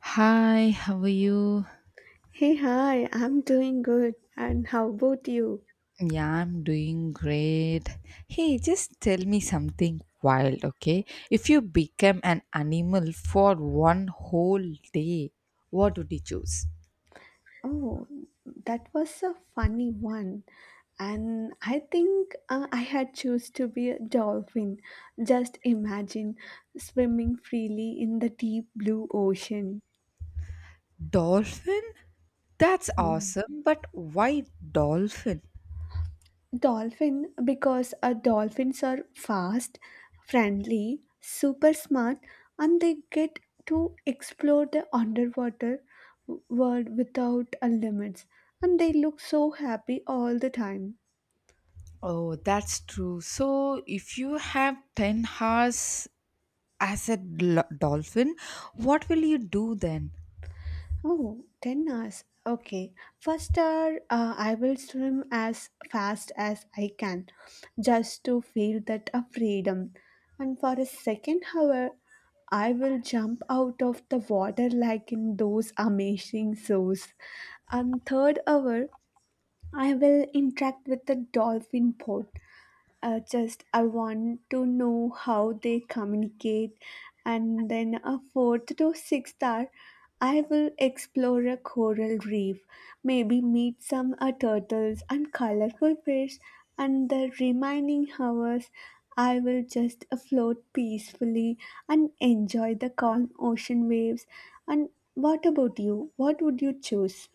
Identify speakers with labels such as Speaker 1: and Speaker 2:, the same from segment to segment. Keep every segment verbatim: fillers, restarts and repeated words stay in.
Speaker 1: Hi, how are you?
Speaker 2: Hey, hi, I'm doing good. And how about you?
Speaker 1: Yeah, I'm doing great. Hey, just tell me something wild, okay? If you become an animal for one whole day, what would you choose?
Speaker 2: Oh, that was a funny one. And I think uh, I had choose to be a dolphin. Just imagine swimming freely in the deep blue ocean.
Speaker 1: Dolphin? That's
Speaker 2: Hmm.
Speaker 1: awesome, but why dolphin?
Speaker 2: Dolphin because uh, dolphins are fast, friendly, super smart, and they get to explore the underwater w- world without uh, limits. And they look so happy all the time.
Speaker 1: Oh, that's true. So, if you have 10 hours as a dol- dolphin, what will you do then?
Speaker 2: Oh, ten hours. Okay. First hour, uh, I will swim as fast as I can just to feel that uh, freedom. And for a second hour, I will jump out of the water like in those amazing shows. And third hour, I will interact with the dolphin boat uh, just I want to know how they communicate, and then a fourth to sixth hour, I will explore a coral reef, maybe meet some uh, turtles and colorful fish, and the remaining hours. I will just uh, float peacefully and enjoy the calm ocean waves. And what about you? What would you choose?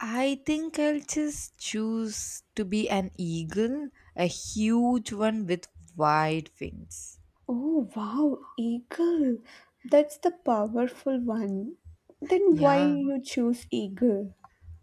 Speaker 1: I think I'll just choose to be an eagle, a huge one with wide wings.
Speaker 2: Oh, wow, eagle. That's the powerful one. Then why
Speaker 1: Yeah,
Speaker 2: you choose eagle?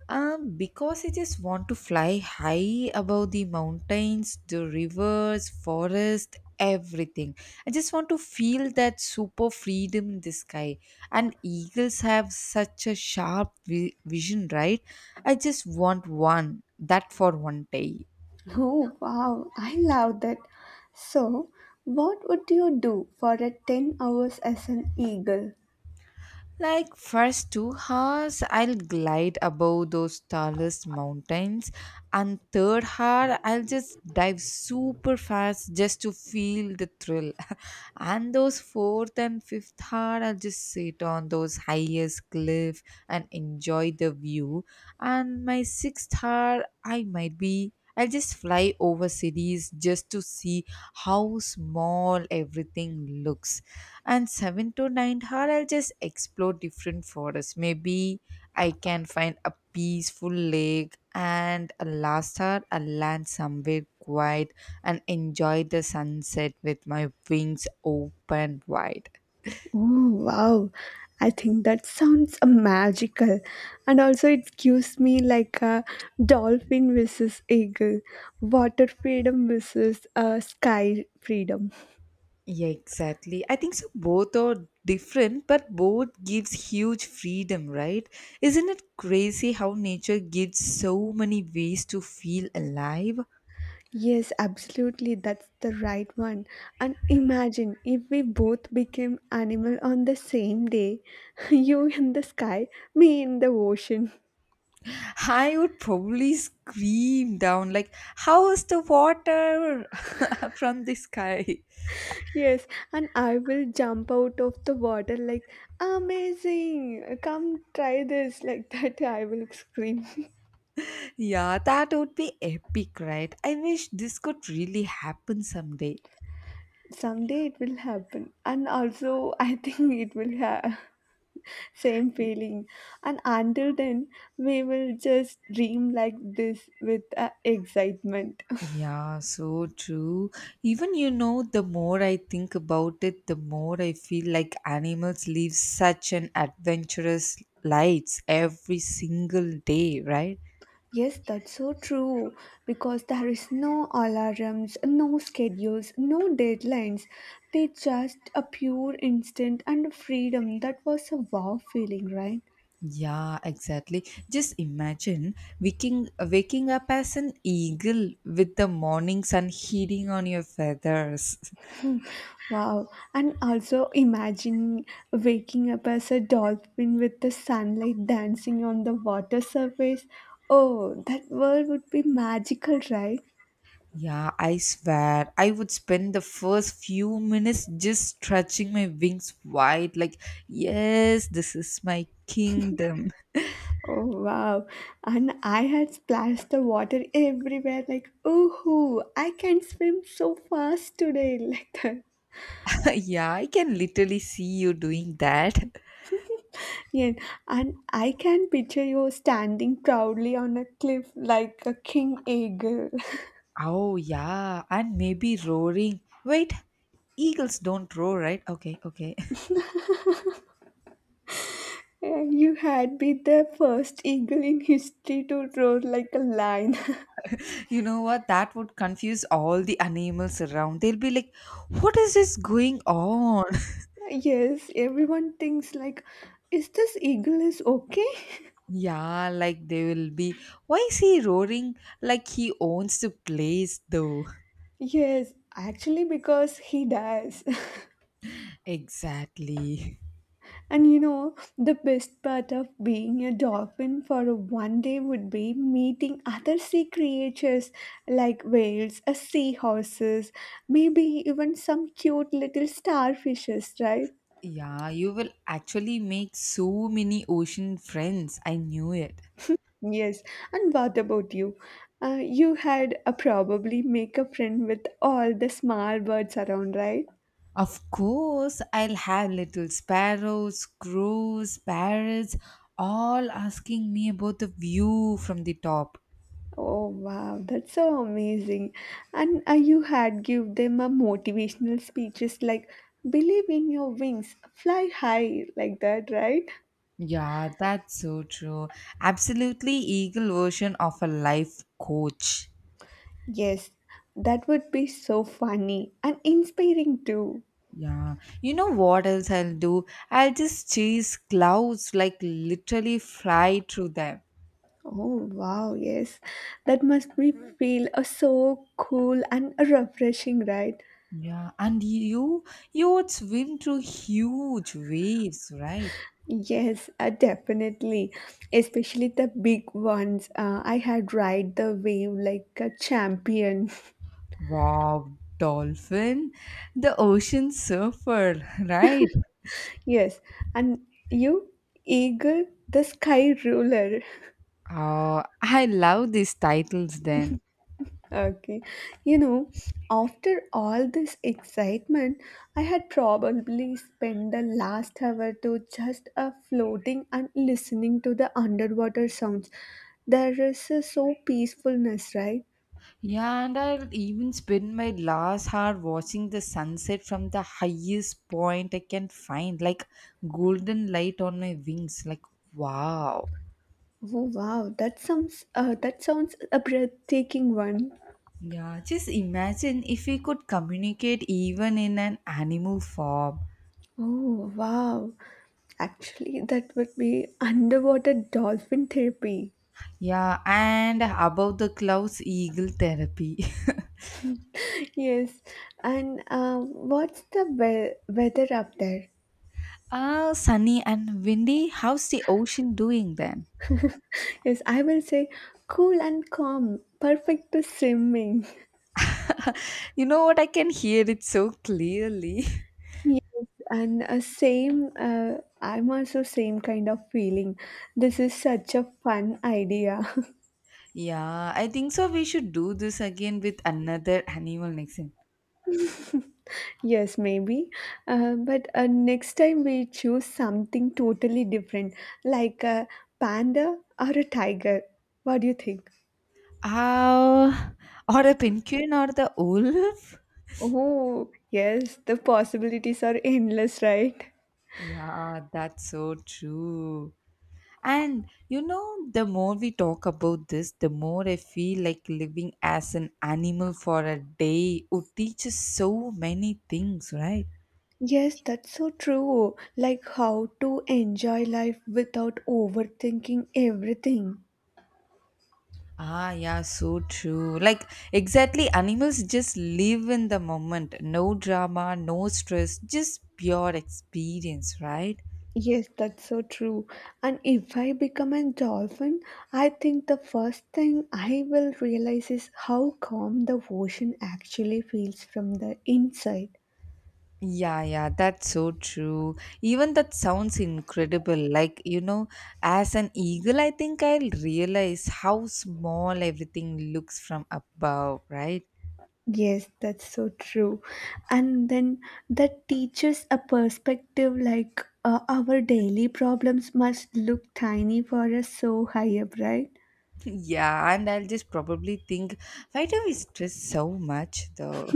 Speaker 1: um, because I just want to fly high above the mountains, the rivers, forest, everything. I just want to feel that super freedom in the sky. And eagles have such a sharp vi- vision, right? I just want one, that for one day.
Speaker 2: Oh, wow, I love that. So, what would you do for a ten hours as an eagle?
Speaker 1: Like first two hours, I'll glide above those tallest mountains, and third hour, I'll just dive super fast just to feel the thrill. And those fourth and fifth hour, I'll just sit on those highest cliff and enjoy the view. And my sixth hour, I might be. I'll just fly over cities just to see how small everything looks, and seven to nine hour, I'll just explore different forests, maybe I can find a peaceful lake, and a last hour, I'll land somewhere quiet and enjoy the sunset with my wings open wide.
Speaker 2: Oh, wow. I think that sounds uh, magical. And also it gives me like a dolphin versus eagle, water freedom versus uh, sky freedom.
Speaker 1: Yeah, exactly, I think so both are different, but both gives huge freedom, right? Isn't it crazy how nature gives so many ways to feel alive?
Speaker 2: Yes, absolutely. That's the right one. And imagine if we both became animal on the same day. You in the sky, me in the ocean.
Speaker 1: I would probably scream down like, "How is the water from the sky?"
Speaker 2: Yes, and I will jump out of the water like, amazing! Come try this. Like that, I will scream.
Speaker 1: Yeah, that would be epic, right? I wish this could really happen someday.
Speaker 2: Someday it will happen. And also, I think it will have same feeling. And until then, we will just dream like this with uh, excitement.
Speaker 1: Yeah, so true. Even you know, the more I think about it, the more I feel like animals live such an adventurous lives every single day, right?
Speaker 2: Yes, that's so true because there is no alarms, no schedules, no deadlines. They just a pure instant and freedom. That was a wow feeling, right?
Speaker 1: Yeah, exactly. Just imagine waking waking up as an eagle with the morning sun hitting on your feathers.
Speaker 2: Wow. And also imagine waking up as a dolphin with the sunlight dancing on the water surface. Oh, that world would be magical, right?
Speaker 1: Yeah, I swear I would spend the first few minutes just stretching my wings wide like, yes, this is my kingdom.
Speaker 2: Oh wow. And I had splashed the water everywhere like ooh, I can swim so fast today like that.
Speaker 1: Yeah, I can literally see you doing that.
Speaker 2: Yeah. And I can picture you standing proudly on a cliff like a king eagle.
Speaker 1: Oh, yeah, and maybe roaring. Wait, eagles don't roar, right? Okay, okay.
Speaker 2: Yeah, you had been the first eagle in history to roar like a lion.
Speaker 1: You know what? That would confuse all the animals around. They'll be like, what is this going on?
Speaker 2: yes, everyone thinks like is this eagle is okay?
Speaker 1: Yeah, like they will be, why is he roaring like he owns the place though?
Speaker 2: Yes, actually because he does.
Speaker 1: Exactly.
Speaker 2: And you know, the best part of being a dolphin for a one day would be meeting other sea creatures like whales, uh, seahorses, maybe even some cute little starfishes, right?
Speaker 1: Yeah, you will actually make so many ocean friends. I knew it.
Speaker 2: Yes. And what about you? Uh, you had uh, probably make a friend with all the small birds around, right?
Speaker 1: Of course, I'll have little sparrows, crows, parrots, all asking me about the view from the top.
Speaker 2: Oh wow, that's so amazing. And uh, you had give them a motivational speeches like believe in your wings, fly high like that, right?
Speaker 1: Yeah, that's so true. Absolutely eagle version of a life coach.
Speaker 2: Yes, that would be so funny and inspiring too.
Speaker 1: Yeah. You know what else I'll do? I'll just chase clouds like literally fly through them.
Speaker 2: Oh wow, yes. That must be feel uh, so cool and refreshing, right?
Speaker 1: Yeah, and you you would swim through huge waves, right?
Speaker 2: Yes, uh, definitely. Especially the big ones. Uh, I had ride the wave like a champion.
Speaker 1: Wow, dolphin, the ocean surfer, right?
Speaker 2: Yes, and you eagle, the sky ruler.
Speaker 1: Oh, I love these titles then.
Speaker 2: Okay, you know, after all this excitement, I had probably spent the last hour to just uh, floating and listening to the underwater sounds. There is uh, so peacefulness, right?
Speaker 1: Yeah, and I'll even spend my last hour watching the sunset from the highest point I can find, like golden light on my wings. Like, wow.
Speaker 2: Oh wow, that sounds uh, that sounds a breathtaking one.
Speaker 1: Yeah, just imagine if we could communicate even in an animal form.
Speaker 2: Oh wow, actually, that would be underwater dolphin therapy.
Speaker 1: Yeah, and above the clouds, eagle therapy.
Speaker 2: Yes, and uh, what's the we- weather up there?
Speaker 1: Ah, sunny and windy, how's the ocean doing then?
Speaker 2: Yes, I will say cool and calm, perfect to swimming.
Speaker 1: You know what? I can hear it so clearly.
Speaker 2: Yes, and uh, same. Uh, I'm also same kind of feeling. This is such a fun idea.
Speaker 1: Yeah, I think so. We should do this again with another animal next time.
Speaker 2: Yes, maybe. Uh, but uh, next time we choose something totally different, like a panda or a tiger. What do you think?
Speaker 1: Uh, or a penguin or the wolf?
Speaker 2: Oh, yes, the possibilities are endless, right?
Speaker 1: Yeah, that's so true. And you know, the more we talk about this, the more I feel like living as an animal for a day would teach us so many things, right?
Speaker 2: Yes, that's so true. Like how to enjoy life without overthinking everything.
Speaker 1: Ah, yeah, so true. Like, exactly, animals just live in the moment. No drama, no stress, just pure experience, right?
Speaker 2: Yes, that's so true. And if I become a dolphin, I think the first thing I will realize is how calm the ocean actually feels from the inside.
Speaker 1: Yeah, yeah, that's so true. Even that sounds incredible. Like, you know, as an eagle, I think I'll realize how small everything looks from above, right?
Speaker 2: Yes, that's so true. And then that teaches a perspective like uh, our daily problems must look tiny for us so high up, right?
Speaker 1: Yeah, and I'll just probably think, why do we stress so much though?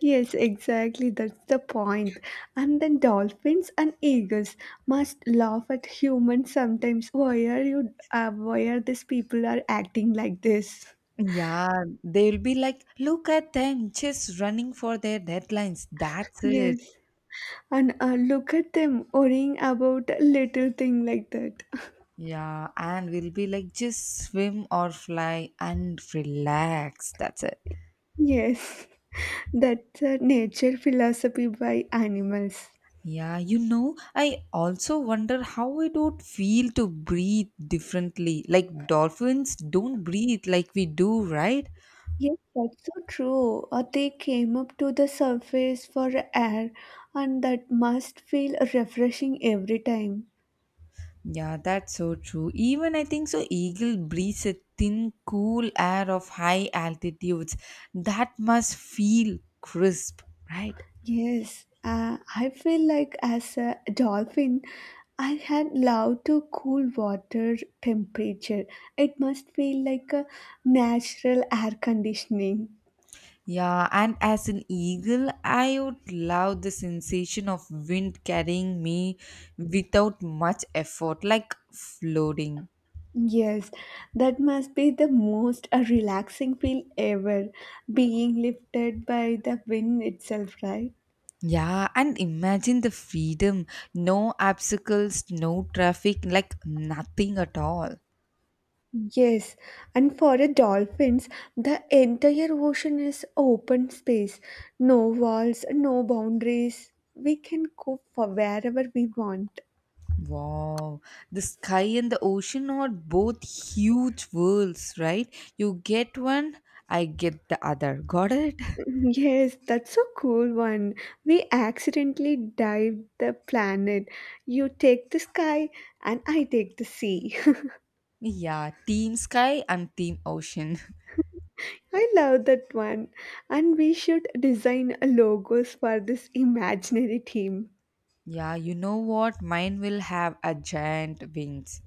Speaker 2: Yes, exactly. That's the point. And then dolphins and eagles must laugh at humans sometimes. Why are you? Uh, why are these people are acting like this?
Speaker 1: Yeah, they'll be like, look at them just running for their deadlines. That's it.
Speaker 2: Yes, and uh, look at them worrying about a little thing like that.
Speaker 1: Yeah, and we'll be like, just swim or fly and relax. That's it.
Speaker 2: Yes. That's a nature philosophy by animals.
Speaker 1: Yeah, you know, I also wonder how it would feel to breathe differently. Like dolphins don't breathe like we do, right?
Speaker 2: Yes, that's so true. Or they came up to the surface for air, and that must feel refreshing every time.
Speaker 1: Yeah, that's so true. Even I think so, eagle breathes a thin, cool air of high altitudes. That must feel crisp, right?
Speaker 2: Yes, uh, I feel like as a dolphin, I had loved to cool water temperature. It must feel like a natural air conditioning.
Speaker 1: Yeah, and as an eagle, I would love the sensation of wind carrying me without much effort, like floating.
Speaker 2: Yes, that must be the most uh, relaxing feel ever, being lifted by the wind itself, right?
Speaker 1: Yeah, and imagine the freedom, no obstacles, no traffic, like nothing at all.
Speaker 2: Yes, and for the dolphins, the entire ocean is open space. No walls, no boundaries. We can go for wherever we want.
Speaker 1: Wow, the sky and the ocean are both huge worlds, right? You get one, I get the other. Got it?
Speaker 2: Yes, that's a cool one. We accidentally dived the planet. You take the sky, and I take the sea.
Speaker 1: Yeah, team sky and team ocean.
Speaker 2: I love that one. And we should design logos for this imaginary team.
Speaker 1: Yeah, you know what? Mine will have a giant wings.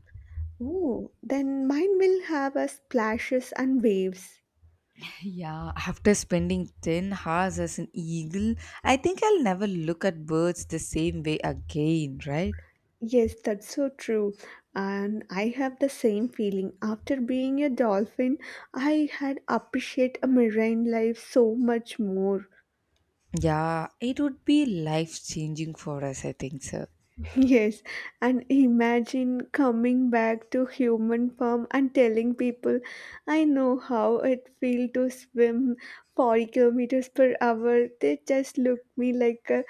Speaker 2: Oh, then mine will have a splashes and waves.
Speaker 1: Yeah, after spending 10 hours as an eagle, I think I'll never look at birds the same way again, right?
Speaker 2: Yes, that's so true. And I have the same feeling. After being a dolphin, I had appreciate a marine life so much more.
Speaker 1: Yeah, it would be life changing for us, I think so.
Speaker 2: Yes, and imagine coming back to human form and telling people, I know how it feels to swim forty kilometers per hour. They just look me like a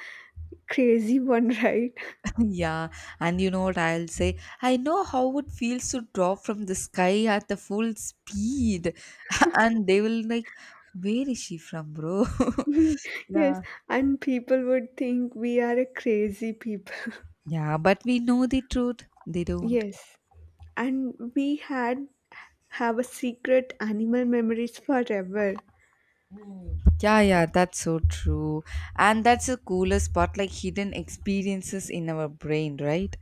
Speaker 2: crazy one, right?
Speaker 1: Yeah, and you know what I'll say? I know how it feels to drop from the sky at the full speed, and they will like, where is she from, bro?
Speaker 2: yes,
Speaker 1: Yeah,
Speaker 2: and people would think we are a crazy people.
Speaker 1: yeah, but we know the truth. They don't.
Speaker 2: Yes, and we had have a secret animal memories forever.
Speaker 1: Yeah, yeah, that's so true. And that's the coolest part, like hidden experiences in our brain, right?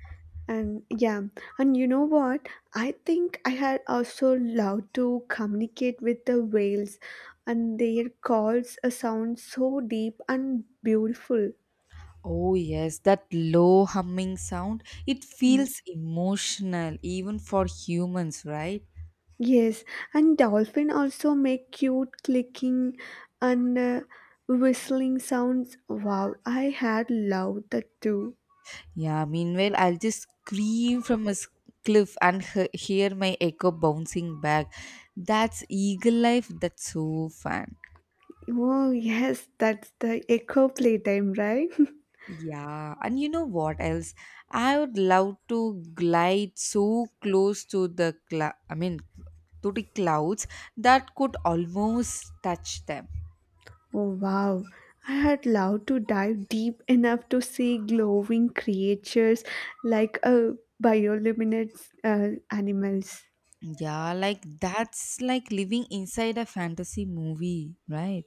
Speaker 2: And yeah, and you know what? I think I had also loved to communicate with the whales, and their calls uh, sound so deep and beautiful.
Speaker 1: Oh, yes, that low humming sound, it
Speaker 2: Mm.
Speaker 1: feels emotional even for humans, right?
Speaker 2: Yes, and dolphin also make cute clicking and uh, whistling sounds. Wow, I had loved that too.
Speaker 1: Yeah, meanwhile, I'll just scream from a s- cliff and he- hear my echo bouncing back. That's eagle life. That's so fun.
Speaker 2: Oh, yes, that's the echo playtime, right?
Speaker 1: Yeah, and you know what else? I would love to glide so close to the cl- I mean, to the clouds that could almost touch them.
Speaker 2: Oh wow, I had loved to dive deep enough to see glowing creatures like uh, bioluminescent uh, animals.
Speaker 1: Yeah, like that's like living inside a fantasy movie, right?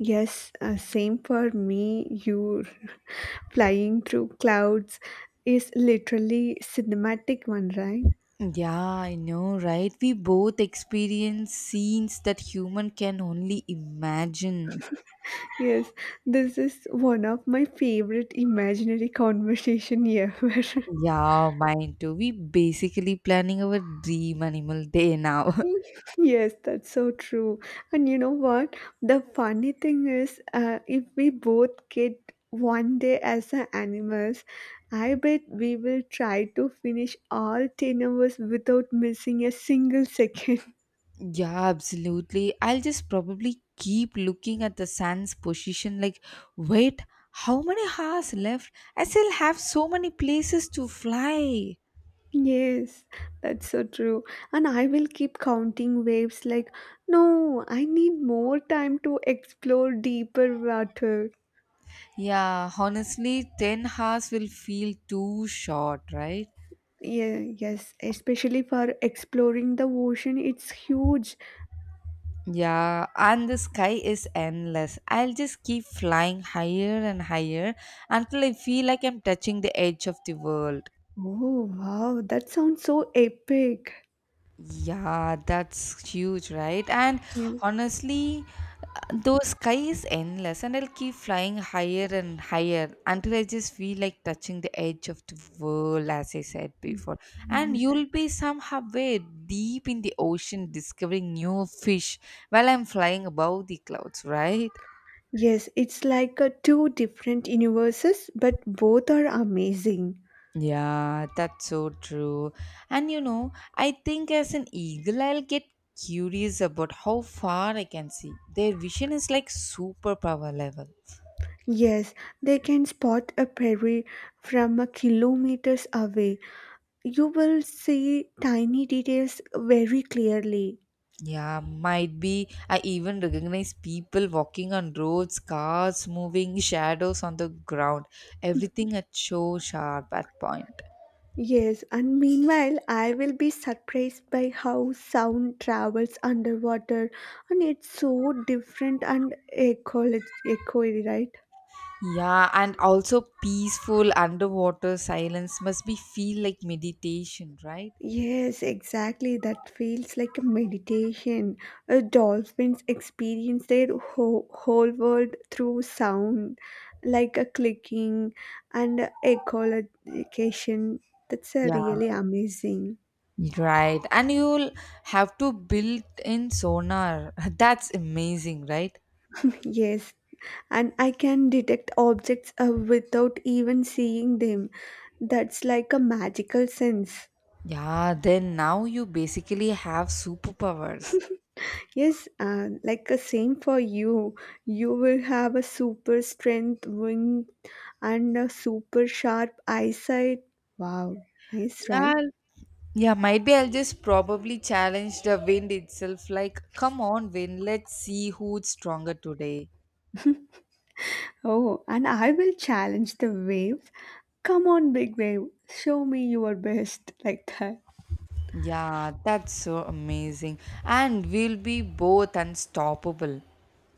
Speaker 2: Yes, uh, same for me. You flying through clouds is literally cinematic one, right?
Speaker 1: Yeah, I know, right? We both experience scenes that human can only imagine.
Speaker 2: Yes, this is one of my favorite imaginary conversation ever.
Speaker 1: Yeah, mine too. We basically planning our dream animal day now.
Speaker 2: Yes, that's so true. And you know what? The funny thing is, uh, if we both get one day as a animals, I bet we will try to finish all ten hours without missing a single second.
Speaker 1: Yeah, absolutely. I'll just probably keep looking at the sun's position like, wait, how many hours left? I still have so many places to fly.
Speaker 2: Yes, that's so true. And I will keep counting waves like, no, I need more time to explore deeper water.
Speaker 1: Yeah, honestly, 10 hours will feel too short, right?
Speaker 2: Yeah, yes, especially for exploring the ocean, it's huge.
Speaker 1: Yeah, and the sky is endless. I'll just keep flying higher and higher until I feel like I'm touching the edge of the world.
Speaker 2: Oh, wow, that sounds so epic.
Speaker 1: Yeah, that's huge, right? And
Speaker 2: Mm.
Speaker 1: honestly, though sky is endless, and I'll keep flying higher and higher until I just feel like touching the edge of the world, as I said before. And you'll be somehow way deep in the ocean discovering new fish while I'm flying above the clouds, right?
Speaker 2: Yes, it's like a two different universes, but both are amazing.
Speaker 1: Yeah, that's so true. And you know, I think as an eagle, I'll get curious about how far I can see. Their vision is like superpower level.
Speaker 2: Yes, they can spot a prairie from a kilometers away. You will see tiny details very clearly.
Speaker 1: Yeah, might be. I even recognize people walking on roads, cars moving, shadows on the ground. Everything at so sharp at point.
Speaker 2: Yes, and meanwhile, I will be surprised by how sound travels underwater, and it's so different and echo, echoey, right?
Speaker 1: Yeah, and also peaceful underwater silence must be feel like meditation, right?
Speaker 2: Yes, exactly. That feels like a meditation. Uh, dolphins experience their whole, whole world through sound, like a clicking and a echolocation. That's uh,
Speaker 1: Yeah,
Speaker 2: really amazing.
Speaker 1: right. And you'll have to build in sonar. That's amazing, right?
Speaker 2: Yes, and I can detect objects uh, without even seeing them. That's like a magical sense.
Speaker 1: Yeah, then now you basically have superpowers.
Speaker 2: Yes, uh, like the same for you. You will have a super strength wing and a super sharp eyesight. Wow, nice,
Speaker 1: Yeah,
Speaker 2: right?
Speaker 1: yeah, might be I'll just probably challenge the wind itself. Like, come on, wind, let's see who's stronger today.
Speaker 2: Oh, and I will challenge the waves. Come on, big wave, show me your best, like that.
Speaker 1: Yeah, that's so amazing. And we'll be both unstoppable.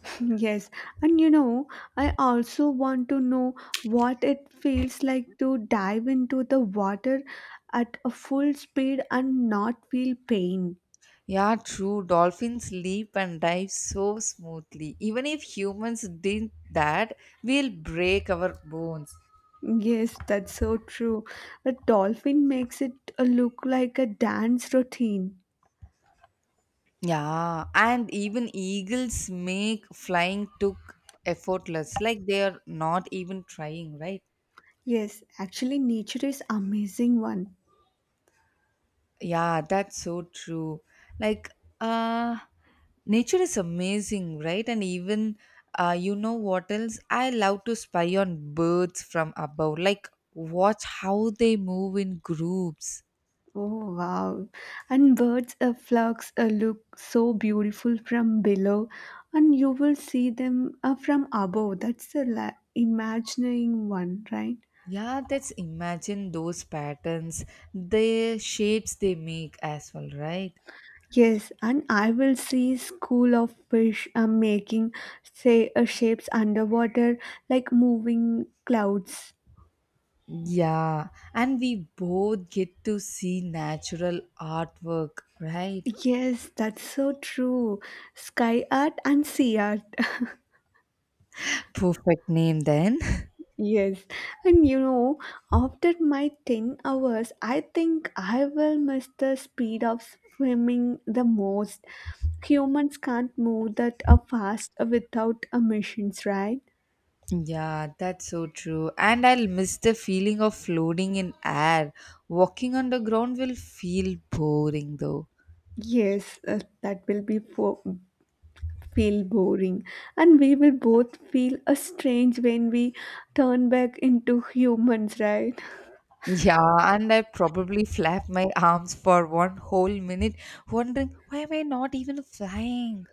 Speaker 2: Yes, and you know, I also want to know what it feels like to dive into the water at a full speed and not feel pain.
Speaker 1: Yeah, true. Dolphins leap and dive so smoothly. Even if humans did that, we'll break our bones.
Speaker 2: Yes, that's so true. A dolphin makes it uh, look like a dance routine.
Speaker 1: Yeah, and even eagles make flying took effortless. Like they are not even trying, right?
Speaker 2: Yes, actually, nature is amazing one.
Speaker 1: Yeah, that's so true. Like, uh, nature is amazing, right? And even, uh, you know what else? I love to spy on birds from above. Like, watch how they move in groups.
Speaker 2: Oh wow! And birds' uh, flocks uh, look so beautiful from below, and you will see them uh, from above. That's the la- imagining one, right?
Speaker 1: Yeah, that's imagine those patterns, the shapes they make as well, right?
Speaker 2: Yes, and I will see school of fish uh, making say uh, shapes underwater like moving clouds.
Speaker 1: Yeah, and we both get to see natural artwork, right?
Speaker 2: Yes, that's so true. Sky art and sea art.
Speaker 1: Perfect name then.
Speaker 2: Yes. And you know, after my ten hours, I think I will miss the speed of swimming the most. Humans can't move that uh, fast without emissions, right?
Speaker 1: Yeah, that's so true. And I'll miss the feeling of floating in air. Walking on the ground will feel boring though.
Speaker 2: Yes, uh, that will be fo- feel boring. And we will both feel a strange when we turn back into humans, right?
Speaker 1: Yeah, and I probably flap my arms for one whole minute, wondering why am I not even flying?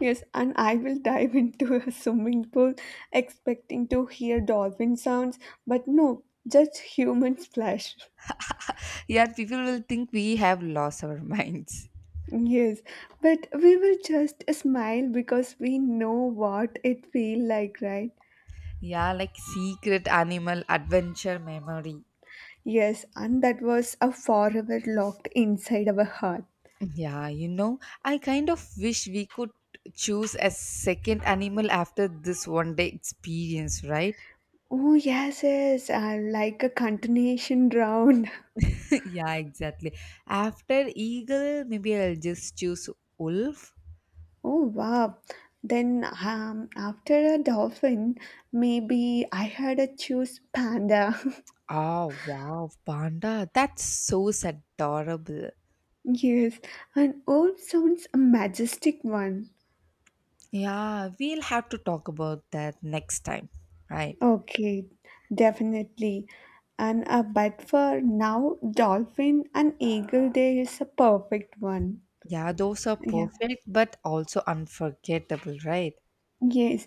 Speaker 2: Yes, and I will dive into a swimming pool expecting to hear dolphin sounds, but no, just human splash.
Speaker 1: Yeah, people will think we have lost our minds.
Speaker 2: Yes, but we will just smile because we know what it feel like, right?
Speaker 1: Yeah, like secret animal adventure memory.
Speaker 2: Yes, and that was a forever locked inside our heart.
Speaker 1: Yeah, you know, I kind of wish we could choose a second animal after this one day experience, right?
Speaker 2: Oh, yes, yes, uh, like a continuation round.
Speaker 1: Yeah, exactly. After eagle, maybe I'll just choose wolf.
Speaker 2: Oh, wow. Then, um, after a dolphin, maybe I had to choose panda.
Speaker 1: Oh, wow, panda. That's so adorable.
Speaker 2: Yes, an owl sounds a majestic one.
Speaker 1: Yeah, we'll have to talk about that next time, right?
Speaker 2: Okay, definitely. And a but for now, dolphin and eagle there is a perfect one.
Speaker 1: Yeah, those are
Speaker 2: Yeah.
Speaker 1: perfect, but also unforgettable, right?
Speaker 2: Yes.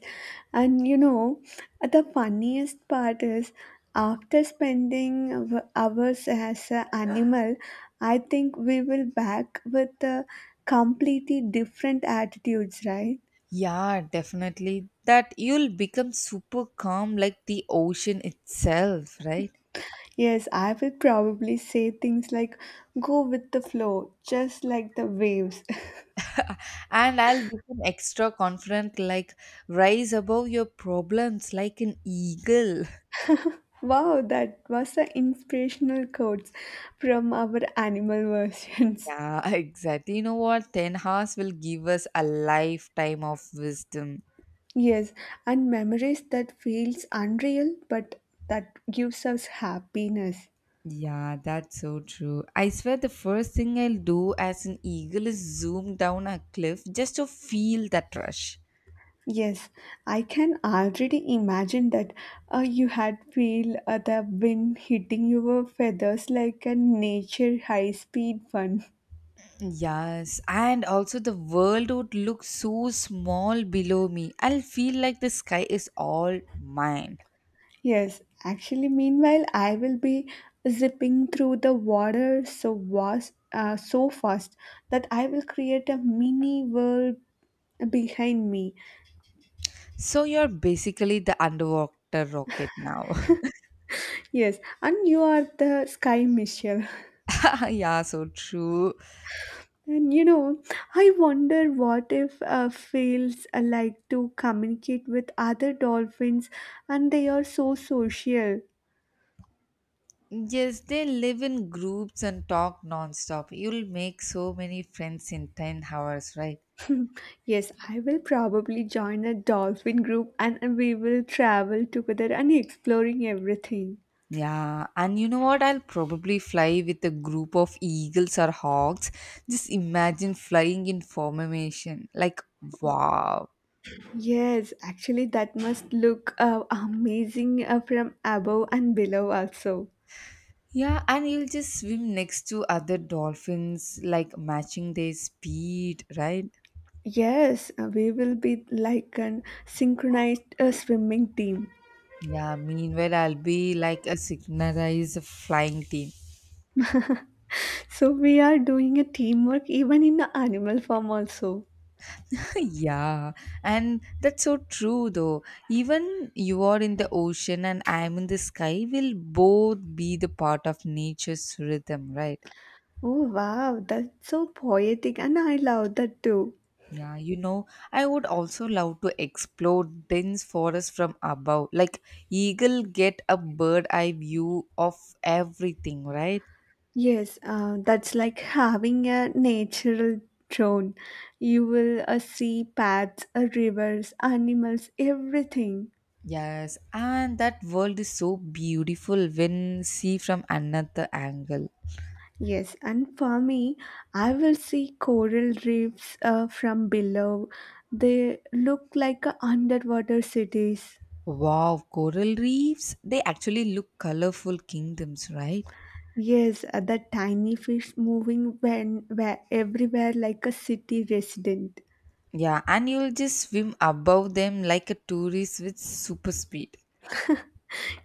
Speaker 2: And you know, the funniest part is after spending hou- hours as an animal, I think we will back with a completely different attitudes, right?
Speaker 1: Yeah, definitely. That you'll become super calm like the ocean itself, right?
Speaker 2: Yes, I will probably say things like go with the flow, just like the waves.
Speaker 1: And I'll become extra confident, like rise above your problems like an eagle.
Speaker 2: Wow, that was an inspirational quote from our animal versions.
Speaker 1: Yeah, exactly. You know what? 10 hours will give us a lifetime of wisdom.
Speaker 2: Yes, and memories that feels unreal but that gives us happiness.
Speaker 1: Yeah, that's so true. I swear the first thing I'll do as an eagle is zoom down a cliff just to feel that rush.
Speaker 2: Yes, I can already imagine that uh, you had feel uh, the wind hitting your feathers like a nature high speed fun.
Speaker 1: Yes, and also the world would look so small below me. I'll feel like the sky is all mine.
Speaker 2: Yes, actually, meanwhile, I will be zipping through the water so vast, uh, so fast that I will create a mini world behind me.
Speaker 1: So you're basically the underwater rocket now.
Speaker 2: Yes, and you are the sky, Michelle.
Speaker 1: Yeah, so true.
Speaker 2: And you know, I wonder what if uh, whales uh, like to communicate with other dolphins and they are so social.
Speaker 1: Yes, they live in groups and talk nonstop. You'll make so many friends in 10 hours, right?
Speaker 2: Yes, I will probably join a dolphin group and we will travel together and exploring everything.
Speaker 1: Yeah, and you know what? I'll probably fly with a group of eagles or hawks. Just imagine flying in formation. Like, wow.
Speaker 2: Yes, actually, that must look uh, amazing uh, from above and below, also.
Speaker 1: Yeah, and you'll just swim next to other dolphins, like matching their speed, right?
Speaker 2: Yes, uh, we will be like an synchronized uh, swimming team.
Speaker 1: Yeah, meanwhile, I'll be like a synchronized flying team.
Speaker 2: So, we are doing a teamwork even in the animal form, also.
Speaker 1: Yeah, and that's so true though. Even you are in the ocean and I'm in the sky, will both be the part of nature's rhythm, right?
Speaker 2: Oh, wow, that's so poetic, and I love that too.
Speaker 1: Yeah, you know, I would also love to explore dense forest from above. Like eagle get a bird eye view of everything, right?
Speaker 2: Yes, uh, that's like having a natural drone. You will uh, see paths, uh, rivers, animals, everything.
Speaker 1: Yes, and that world is so beautiful when see from another angle.
Speaker 2: Yes, and for me, I will see coral reefs uh, from below. They look like a underwater cities.
Speaker 1: Wow, coral reefs, they actually look colorful kingdoms, right?
Speaker 2: Yes, uh, the tiny fish moving when where everywhere like a city resident.
Speaker 1: Yeah, and you'll just swim above them like a tourist with super speed.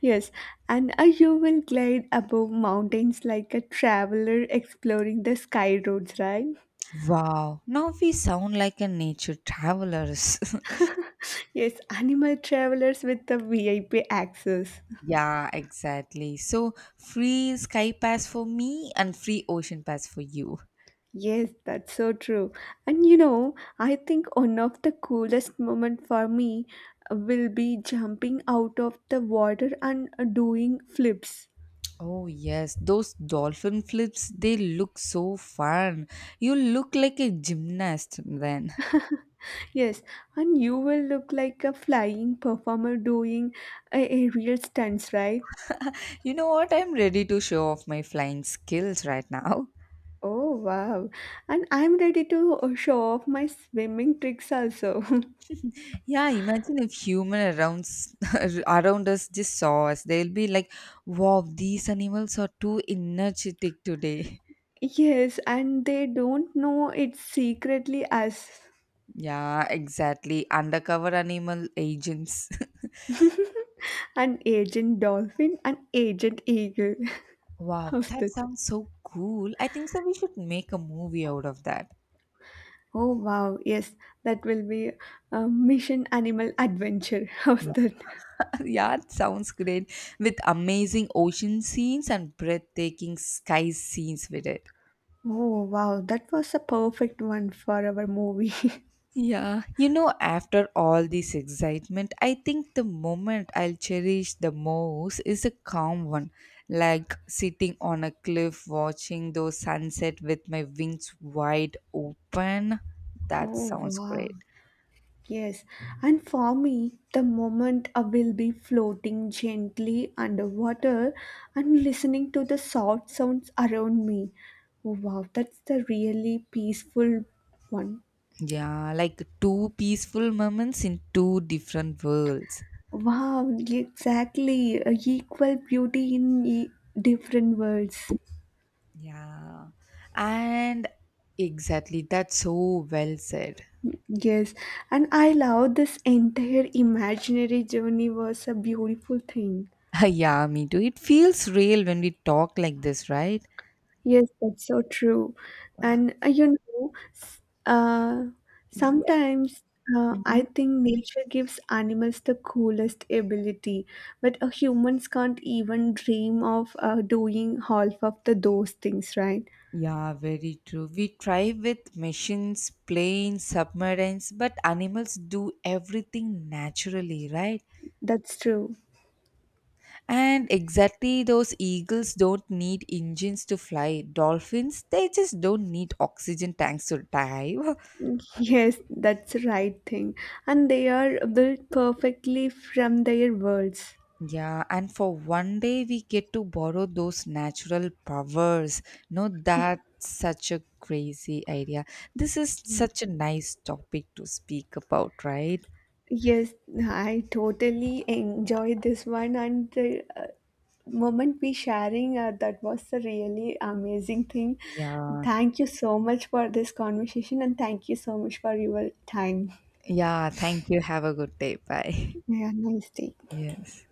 Speaker 2: Yes, and uh, you will glide above mountains like a traveler exploring the sky roads, right?
Speaker 1: Wow, now we sound like a nature travelers.
Speaker 2: Yes, animal travelers with the V I P access.
Speaker 1: Yeah, exactly. So free sky pass for me and free ocean pass for you.
Speaker 2: Yes, that's so true. And you know, I think one of the coolest moment for me will be jumping out of the water and uh, doing flips.
Speaker 1: Oh yes, those dolphin flips, they look so fun. You look like a gymnast then.
Speaker 2: Yes, and you will look like a flying performer doing a aerial stunts, right?
Speaker 1: You know what? I'm ready to show off my flying skills right now.
Speaker 2: Oh wow. And I'm ready to uh, show off my swimming tricks also.
Speaker 1: Yeah, imagine if human around s- around us just saw us. They'll be like, "Wow, these animals are too energetic today."
Speaker 2: Yes, and they don't know it's secretly us,
Speaker 1: Yeah, exactly. Undercover animal agents.
Speaker 2: an agent dolphin and agent eagle.
Speaker 1: Wow,
Speaker 2: Of
Speaker 1: that
Speaker 2: the.
Speaker 1: sounds so cool. I think so we should make a movie out of that.
Speaker 2: Oh wow, yes, that will be a mission animal adventure. How's
Speaker 1: Yeah.
Speaker 2: that?
Speaker 1: Yeah, it sounds great with amazing ocean scenes and breathtaking sky scenes with it.
Speaker 2: Oh wow, that was a perfect one for our movie.
Speaker 1: Yeah, you know, after all this excitement, I think the moment I'll cherish the most is a calm one, like sitting on a cliff watching those sunset with my wings wide open. That
Speaker 2: Oh
Speaker 1: sounds great.
Speaker 2: wow. Yes, and for me, the moment I will be floating gently underwater and listening to the soft sounds around me. Oh, wow, that's the really peaceful one.
Speaker 1: Yeah, like two peaceful moments in two different worlds.
Speaker 2: Wow, exactly. A equal beauty in e- different worlds.
Speaker 1: Yeah. And exactly, that's so well said.
Speaker 2: Yes, and I love this entire imaginary journey was a beautiful thing.
Speaker 1: Yeah, me too. It feels real when we talk like this, right?
Speaker 2: Yes, that's so true. And uh, you know, s- uh,
Speaker 1: Yeah.
Speaker 2: sometimes uh, I
Speaker 1: Mhm.
Speaker 2: think nature gives animals the coolest ability, but uh, humans can't even dream of uh, doing half of the those things, right?
Speaker 1: Yeah, very true. We try with machines, planes, submarines, but animals do everything naturally, right?
Speaker 2: That's true.
Speaker 1: And exactly those eagles don't need engines to fly. Dolphins, they just don't need oxygen tanks to dive.
Speaker 2: Yes, that's the right thing. And they are built perfectly from their words.
Speaker 1: Yeah, and for one day we get to borrow those natural powers. No, that's such a crazy idea. This is such a nice topic to speak about, right?
Speaker 2: Yes, I totally enjoyed this one, and the uh, moment we sharing uh, that was a really amazing thing.
Speaker 1: Yeah.
Speaker 2: Thank you so much for this conversation, and thank you so much for your time.
Speaker 1: Yeah, thank you. Have a good day. Bye.
Speaker 2: Yeah, nice day.
Speaker 1: Yes.